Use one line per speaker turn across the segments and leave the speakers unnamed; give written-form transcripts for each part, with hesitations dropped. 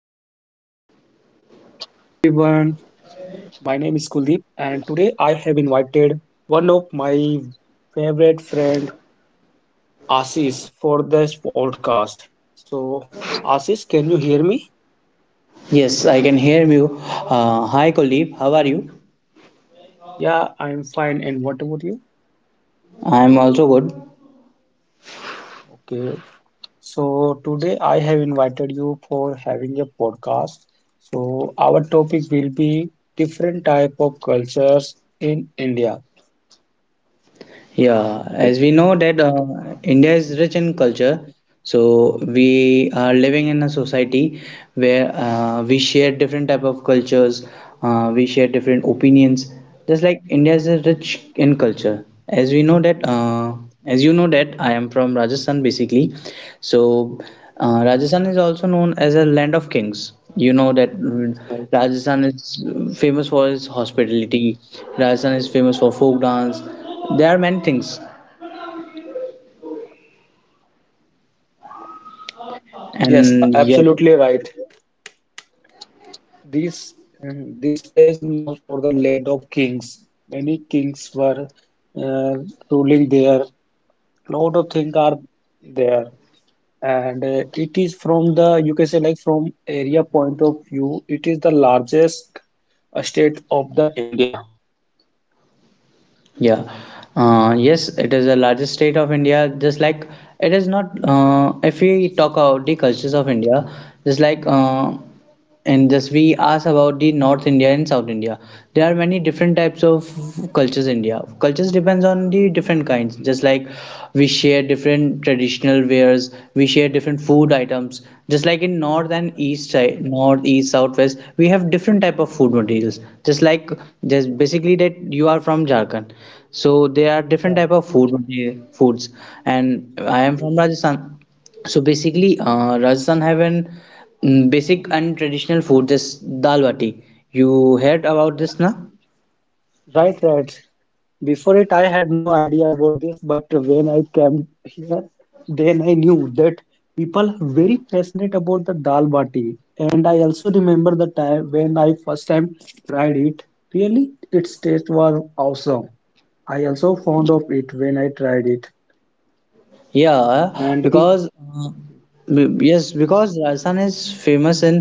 hello everyone. My name is Kuldeep, and today I have invited one of my favorite friend, Ashish, for this podcast. So, Ashish, can you hear me?
Yes, I can hear you. Hi, Kuldeep. How are you?
Yeah, I'm fine. And what about you?
I'm also good.
Okay. So, today I have invited you for having a podcast. So, our topic will be different type of cultures in India.
Yeah, as
Okay.
we know that India is rich in culture, so we are living in a society where we share different type of cultures, we share different opinions. Just like India is rich in culture. As we know that, as you know that, I am from Rajasthan basically. So, Rajasthan is also known as a land of kings. You know that
Right.
Rajasthan is famous for its
Mhm.
hospitality. Rajasthan is famous for folk dance. There are many things,
Yes,
and yet.
absolutely right. This this place is known for the land of kings. Many kings were uh, ruling there. Lot of things are there, and it is from the you can say like from area point of view, it is the largest state of the India.
Yeah. Yes, it is the largest state of India. Just like it is not, if we talk about the cultures of India, just like and just we ask about the North India and South India, there are many different types of cultures. In India, cultures depends on the different kinds. Just like we share different traditional wares, we share different food items. Just like in North and East side, North, East, South, West, we have different type of food materials. Just like just basically that you are from Jharkhand, so there are different
Right.
type of foods, and
Mhm.
I am from Rajasthan. So basically, Rajasthan have an basic and traditional food, this dal bati. You heard about this, na?
Right, right. Before it, I had no idea about this, but when I came here, then I knew that people are very passionate about the dal bati. And I also remember the time when I first time tried it. Really, its taste was awesome. I also found of it when I tried it.
Yeah,
And if
because yes, because Rajasthan is famous in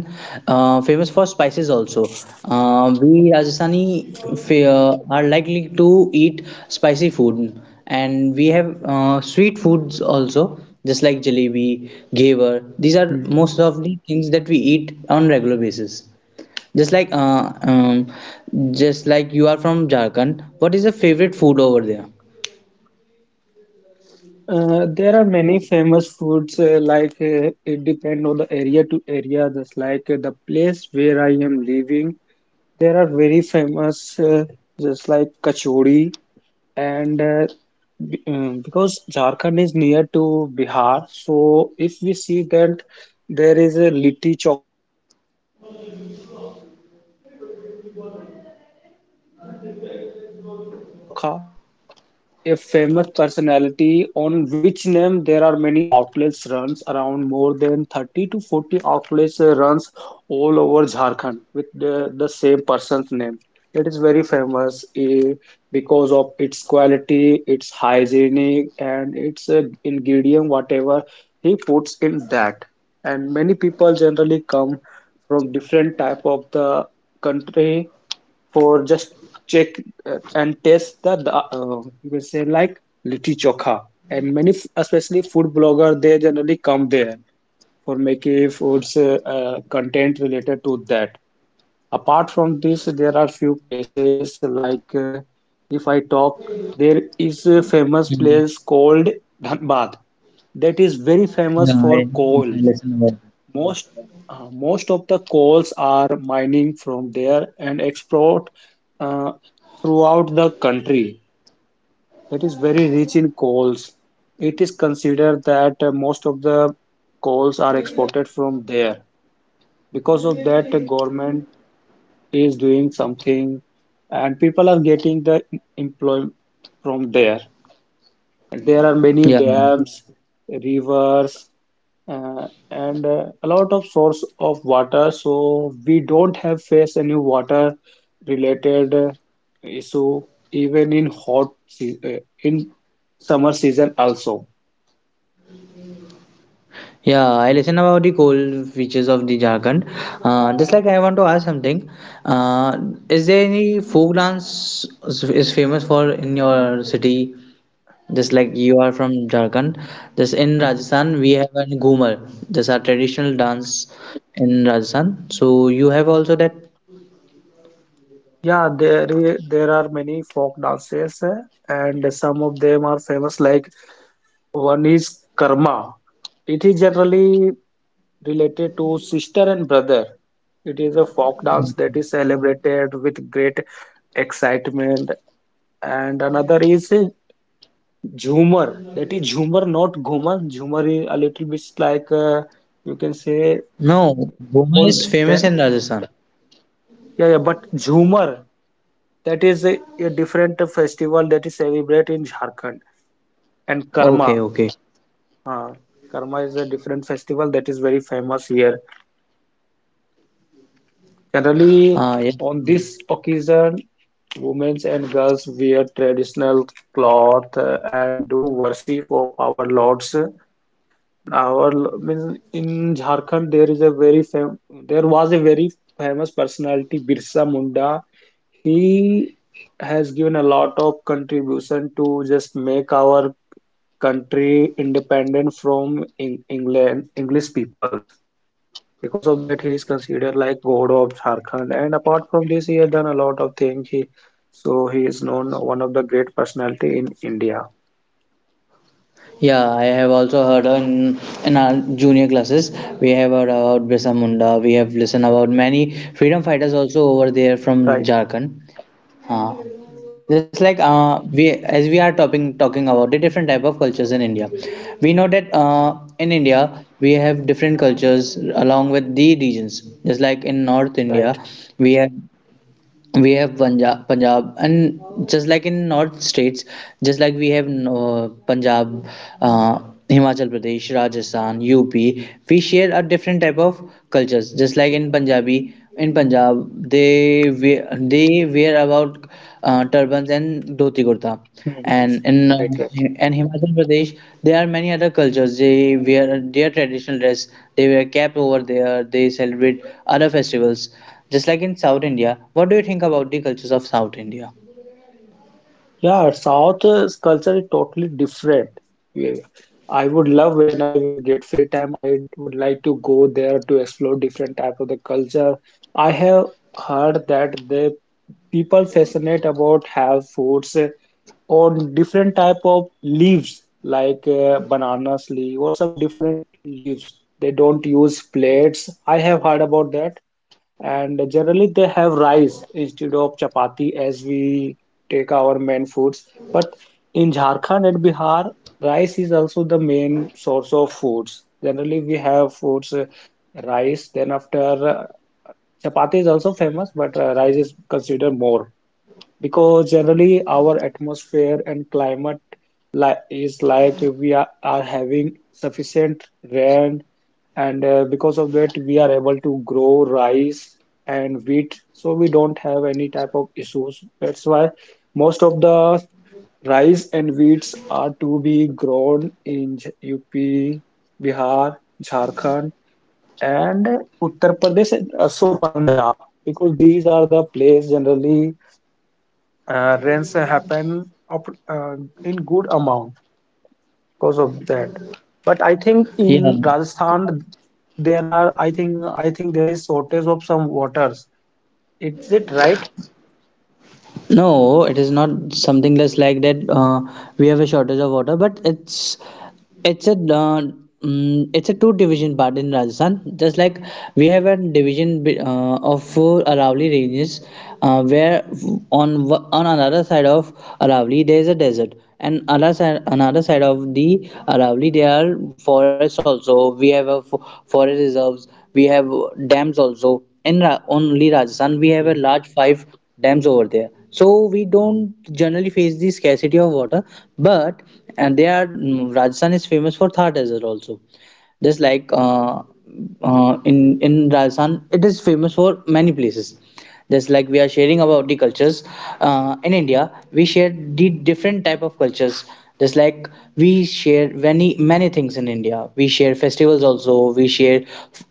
famous for spices also. We Rajasthani are likely to eat spicy food, and we have sweet foods also, just like jalebi, gaver. These are
Hmm.
most of the things that we eat on regular basis. Just like uh, um, just like you are from Jharkhand, what is your favorite food over there?
There are many famous foods like it depend on the area to area just like the place where I am living. There are very famous, just like kachori, and because Jharkhand is near to Bihar, so if we see that there is a litti chokha that is also famous. There are many places, generally there is a you can say like a famous personality on which name there are many outlets runs around more than 30 to 40 outlets runs all over Jharkhand with the same person's name. It is very famous because of its quality, its hygienic, and its ingredient, whatever he puts in that. And many people generally come from different type of the country for just check and taste the you can say like litti chokha, and many especially food blogger they generally come there for making foods content related to that. Apart from this, there are few places like if I talk, there is a famous
Mhm.
place called Dhanbad that is very famous
Yeah,
for
I, yes,
coal.
I listen about.
Most uh, most of the coals are mining from there and export uh, throughout the country. That is very rich in coals. It is considered that most of the coals are exported from there. Because of that, the government is doing something, and people are getting the employment from there. There are many
Yeah,
dams, rivers, and a lot of source of water, so we don't have face any water related issue even in hot se in summer season also.
yeah, I listen about the coal features of the Jharkhand. Just like I want to ask something, uh, is there any is famous for in your city? Just like you are from Jharkhand, just in
Mhm.
Rajasthan we have a Ghumar. This our traditional
Mm.
dance in Rajasthan. So you have also that?
Yeah, there there are many folk dances and some of them are famous like one is karma. It is generally related to sister and brother. It is a folk dance that is celebrated with great excitement. And another is Jhumar. That is Jhumar, not Ghumar. Jhumar is a little bit like you can say
No, Ghumar
on
is famous
then.
in Rajasthan.
Yeah, yeah. But Jhumar, that is a different festival that is celebrated in Jharkhand. And
Okay,
Karma,
okay.
uh, Karma is a different festival that is very famous here. Generally,
Yeah.
on this occasion, women and girls wear traditional cloth and do worship of our lords. Our means in Jharkhand there is a very fam there was a very famous personality Birsa Munda. He has given a lot of contribution to just make our country independent from England English peoples. Because of that, he is considered like God of Jharkhand. And apart from this, he has done a lot of things. He so he is known one of the great personality in India.
Yeah, I have also heard in our junior classes, we have heard about Birsa Munda, we have listened about many freedom fighters also over there from
Right.
Jharkhand. Uh,
Mm,
just like we, as we are talking about the different type of cultures in India, we know that
mm,
in India we have different cultures along with the regions. Just like in North India,
right.
we have we have Punjab, and just like in North states, just like we have Punjab, uh, Himachal Pradesh, Rajasthan, UP, we share a different type of cultures. Just like in Punjabi, in Punjab, they wear about turbans and dhoti kurta.
Mm,
And in uh,
right. Yeah.
and Himachal Pradesh, there are many other cultures. They wear their traditional dress. They wear cap over there. They celebrate other festivals, just like in South India. What do you think about the cultures of South India?
Yeah, South culture is totally different. Yeah. I would love when I will get free time. I would like to go there to explore different type of the culture. I have heard that the people fascinate about have foods on different type of leaves like bananas leaf or some different leaves. They don't use plates. I have heard about that. And generally, they have rice instead of chapati as we take our main foods. But in Jharkhand and Bihar, rice is also the main source of foods. Generally, we have foods rice, then after uh, chapati is also famous, but rice is considered more because generally our atmosphere and climate li is like we are having sufficient rain, and because of that we are able to grow rice and wheat, so we don't have any type of issues. That's why most of the rice and wheats are to be grown in UP, Bihar, Jharkhand, and Uttar Pradesh and also Punjab, because these are the place generally rains happen up, in good amount because of that. But I think in
Yeah.
rajasthan there are I think there is shortage of some waters. Is it right?
No, it is not something that's like that. We have a shortage of water, but it's a it's a two division part in Rajasthan. Just like we have a division of four Aravalli ranges, where on another side of Aravalli there is a desert, and another side of the Aravalli there are forests also. We have a forest reserves. We have dams also. In only Rajasthan, we have a
Okay.
large five dams over there, so we don't generally face the scarcity of water, but and they are Rajasthan is famous for Thar desert also, just like in Rajasthan it is famous for many places. Just like we are sharing about the cultures in India, we share the different type of cultures. Just like we share many things in India. We share festivals also, we share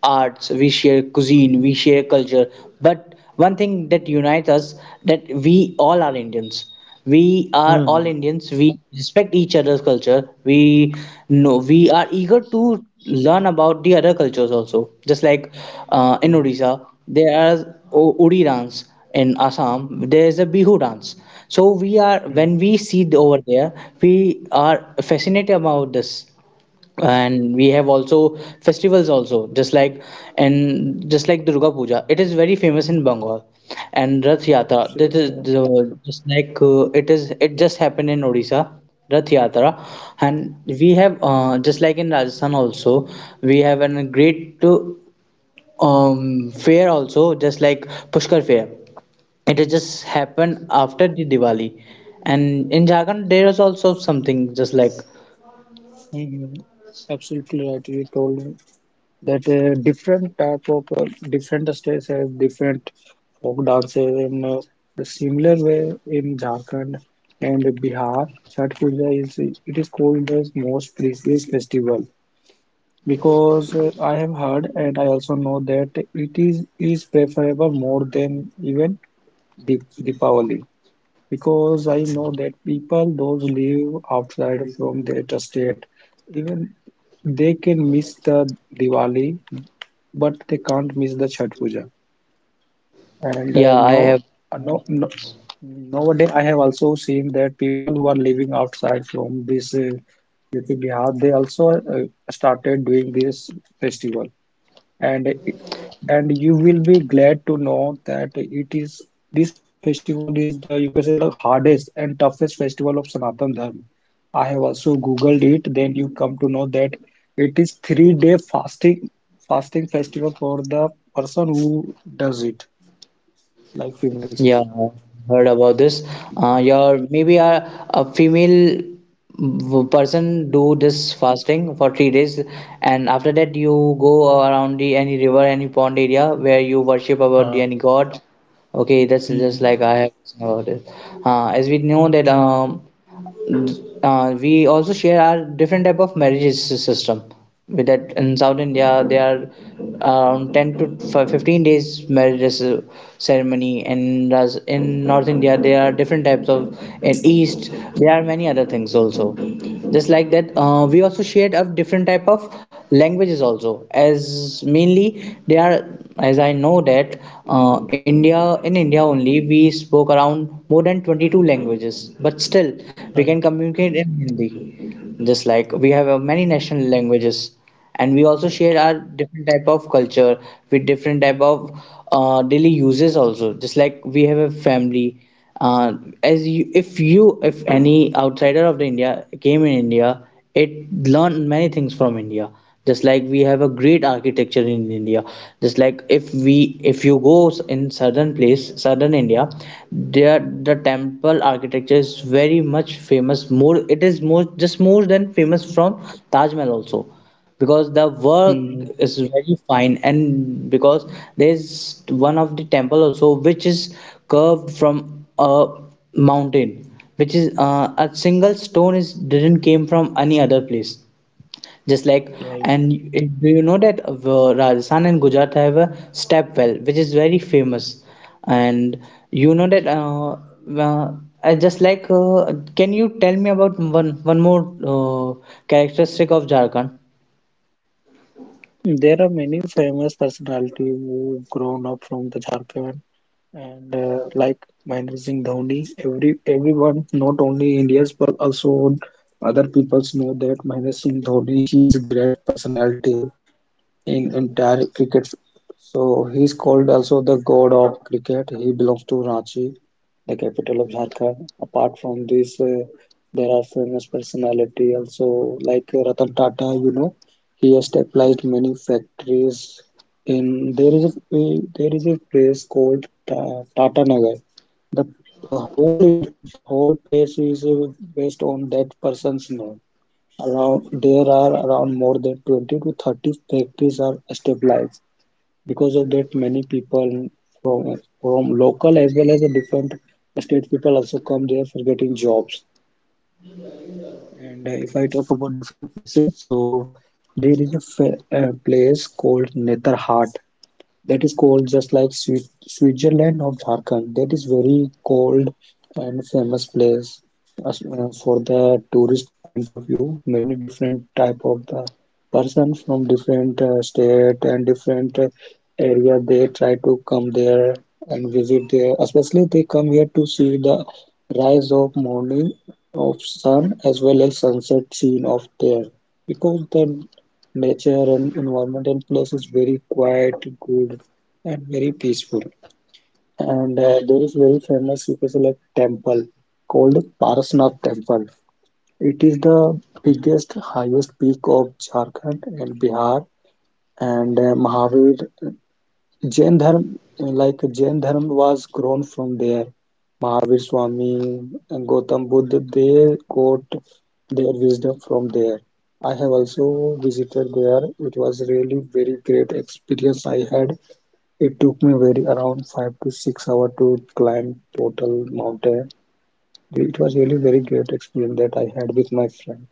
arts, we share cuisine, we share culture, but one thing that unites us, that we all are Indians. We are all
Hmm.
Indians. We respect each other's culture. We know we are eager to learn about the other cultures also. Just like in
Mm,
Odisha, there are Odi dance. In Assam, there is a Bihu dance. So we are
mm,
when we see the, over there, we are fascinated about this, and we have also festivals also, just like and just like Durga Puja, it is very famous in Bengal, and Rath Yatra, this is
absolutely.
the, just like it is it just happened in Odisha, Rath Yatra. And we have just like in Rajasthan also, we have a great fair also, just like Pushkar fair, it is just
Right.
happened after the Diwali. And in Jharkhand there is also something just like.
Mm, absolutely right. You told that different type of different states have different folk dances in the similar way. In Jharkhand and Bihar, Chhath Puja is, it is called the most precious festival, because I have heard and I also know that it is preferable more than even Deepavali, because I know that people those live outside from their state, even they can miss the Diwali, but they can't miss the Chhath Puja. And
yeah I
no,
have
no, no, nowadays I have also seen that people who are living outside from this UP Bihar, they also started doing this festival. And and you will be glad to know that it is, this festival is the you can say the hardest and toughest festival of Sanatan Dharma. I have also googled it. Then you come to know that it is three day fasting festival for the person who does it, like females.
Yeah, I heard about this. Your maybe a female person do this fasting for 3 days, and after that you go around the any river, any pond area where you worship about the
Ah.
any god. Okay, that's just
Mm.
like I have seen about it. As we know that we also share our different type of marriages system. With that, in South India there are around 10 to 15 days marriages ceremony, and as in North India there are different types of. In East there are many other things also, just like that we also shared of different type of languages also. As mainly they are, as I know that, india in india only we spoke around more than 22 languages, but still we can
Right,
communicate in Hindi. Just like we have many national languages, and we also share
right.
our different type of culture with different type of daily uses also. Just like we have a family, uh, as you, if you, if any outsider of the India came in India, it learned many things from India. Just like we have a great architecture in India. Just like if we, if you go in southern place, southern India, there the temple architecture is very much famous. More, it is more just more than famous from Taj Mahal also, because the work
Mm.
is very fine, and because there's one of the temple also which is curved from a mountain, which is a single stone, is didn't came from any other place, just like.
Right.
And do you know that Rajasthan and Gujarat have a step well which is very famous? And you know that uh, I just like can you tell me about one more characteristic of Jharkhand?
There are many famous personalities who grown up from the Jharkhand, and like Mahendra Singh Dhoni. Everyone not only Indians but also other peoples know that Mahendra Singh Dhoni, he is a great personality in entire cricket. So he's called also the god of cricket. He belongs to Ranchi, the capital of Jharkhand. Apart from this, there are famous personality also like Ratan Tata. You know, he has established many factories. In there is a place called Ta Tata Nagar. The the whole in, whole place is based on that person's name. Around there are around more than 20 to 30 factories are established. Because of that, many people from local as well as the different state people also come there for getting jobs. And if I talk about different places, so there is a place called Netherhart that is cold just like Switzerland or Jharkhand, that is very cold and famous place. As, for the tourist point of view, many different type of the person from different state and different area, they try to come there and visit there, especially they come here to see the rise of morning of sun as well as sunset scene of there, because the nature and environment and place is very quiet, good, and very peaceful. And there is very famous you can say, like temple called Parasnath Temple. It is the biggest, highest peak of Jharkhand and Bihar, and Mahavir. Jain Dharm, like Jain Dharm was grown from there. Mahavir Swami and Gautam Buddha, they got their wisdom from there. I have also visited there. It was really very great experience I had. It took me very around 5 to 6 hour to climb total mountain. It was really very great experience that I had with my friend.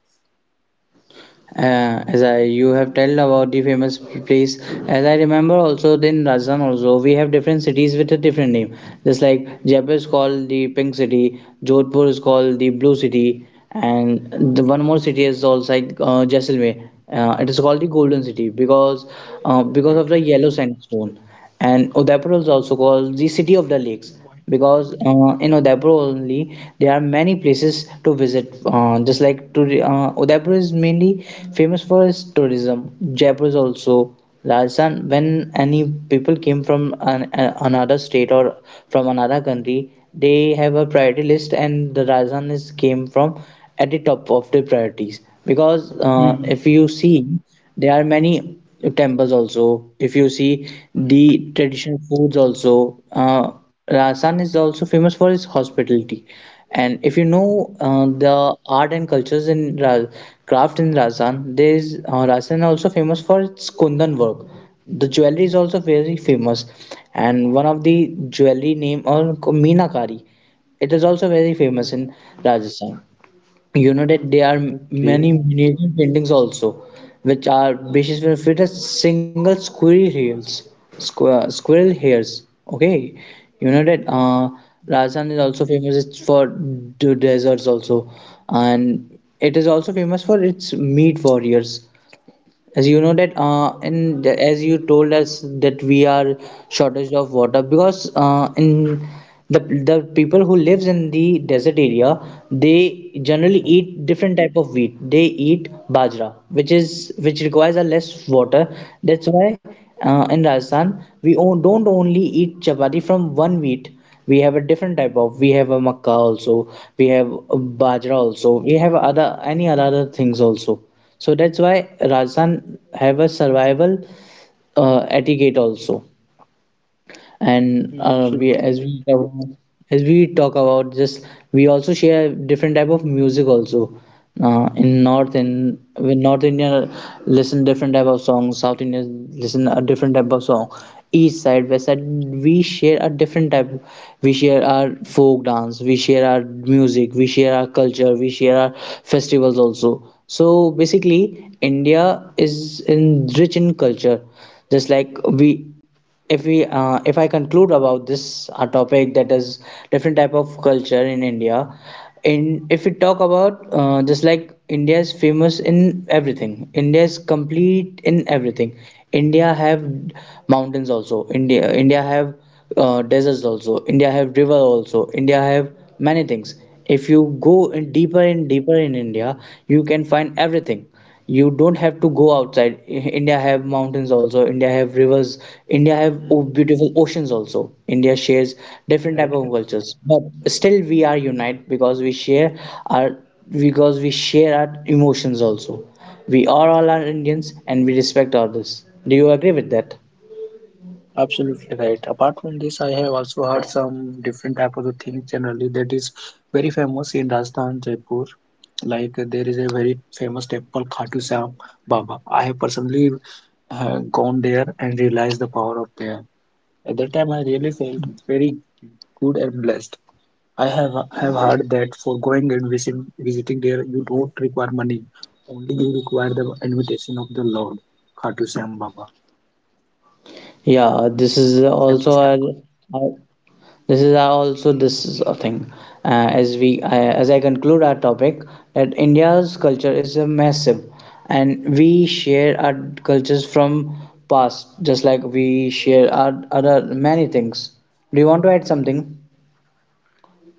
As I you have told about the famous place. As I remember, also then Rajasthan also we have different cities with a different name. Just like Jaipur is called the pink city, Jodhpur is called the blue city, and the one more city is also like Jaisalmer. It is called the golden city because of
Right.
the yellow sandstone. And Udaipur is also called the city of the lakes
Why?
because in Udaipur only there are many places to visit. Just like to, Udaipur is mainly famous for its tourism. Jaipur is also. Rajasthan, when any people came from an, another state or from another country, they have a priority list, and the Rajasthan is came from at the top of the priorities, because
Mhm.
if you see there are many temples also. If you see
Right.
the traditional foods also, Rajasthan is also famous for its hospitality. And if you know the art and cultures in Ra craft in Rajasthan, there is Rajasthan also famous for its kundan work. The jewelry is also very famous, and one of the jewelry name or Meenakari, it is also very
Mhm.
famous in Rajasthan. You know that there are
Okay.
many miniature paintings also, which are basically with a single squirrel hairs, squirrel hairs. Okay, you know that Rajasthan is also famous it's for the deserts also, and it is also famous for its meat warriors. As you know that, and the- as you told us that we are shortage of water, because in the the people who lives in the desert area, they
Mhm.
generally eat different type of wheat. They eat bajra, which is which requires a less
Uh,
water. That's why
right.
in Rajasthan we on, don't only eat chapati from one wheat. We have a different type of. We have a makkah also. We have
Mhm.
bajra also. We have other any other things also. So that's why Rajasthan have a survival etiquette also. And
Mm, absolutely
we as
right.
as we talk about just. We also share different type of music also. uh, in north
Mm,
in when North India listen different type of songs, South India listen a different type of song. East side, west side, we share a different type. We share our folk dance, we share our music, we share our culture, we share our festivals also. So basically India is in rich in culture. Just like we, if we if I conclude about this topic that is different type of culture in India, in if we talk about just like India is famous in everything, India is complete in everything. India have mountains also, India have deserts also. India have river also. India have many things. If you go
mm,
in deeper and deeper in India, you can find everything. You don't have to go outside. India have mountains also, India have rivers, India
mm,
have beautiful oceans also. India shares different type
right.
of cultures, but still we are unite, because we share our, because we share our emotions also. We are all are Indians, and we respect others. Do you agree with that?
Absolutely right. Apart from this, I have also heard some different type of the things generally that is very famous in Rajasthan, Jaipur. Like there is a very famous temple, Khatu Shyam Baba. I have personally gone there and realized the power of there. At that time, I really felt very good and blessed. I have heard that for going and visiting there, you don't require money. Only you require the invitation of the Lord, Khatu Shyam Baba.
Yeah, this
That is
is
very famous
also
temple.
our, this is also, this is a thing. As we as I conclude our topic, that India's culture is a massive, and we share our cultures from past, just like we share our other many things. Do you want to add something?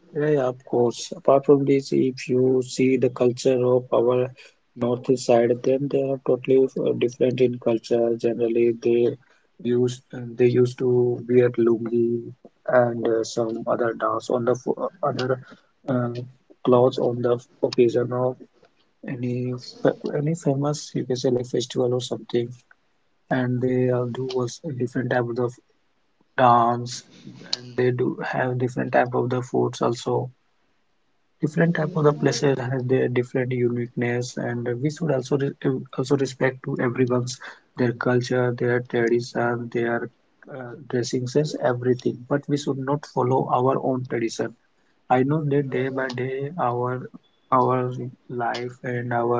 Yeah, yeah, of course. Apart from this, if you see the culture of our north side, then they are totally different in culture. Generally, they use they used to wear lungi and some other dance on the other uh, clothes on the occasion of any any famous you can say like festival or something, and they do also different type of the dance, and they do have different type of the foods also. Different type of the places have their different uniqueness, and we should also re also respect to everyone's, their culture, their tradition, their dressing sense, everything, but we should not follow our own tradition. I know that day by day our life and our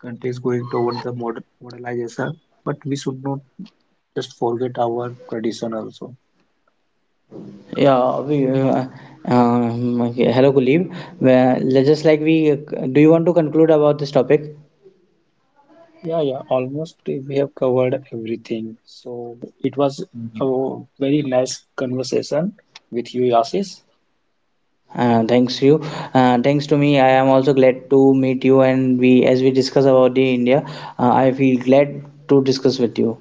countries going toward the modernization, but we should not just forget our tradition also.
Yeah we Okay. Hello Kulib. Well, just like we, do you want to conclude about this topic?
Yeah, yeah, almost we have covered everything. So it was a very nice conversation with you, Ashish.
Thanks you. Thanks to me, I am also glad to meet you. And we, as we discuss about the India, I feel glad to discuss with you.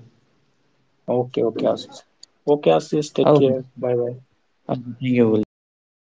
Okay, okay, Ashish. Okay, Ashish, take care.
Okay.
Bye bye.
Okay. Thank you, Kuldeep.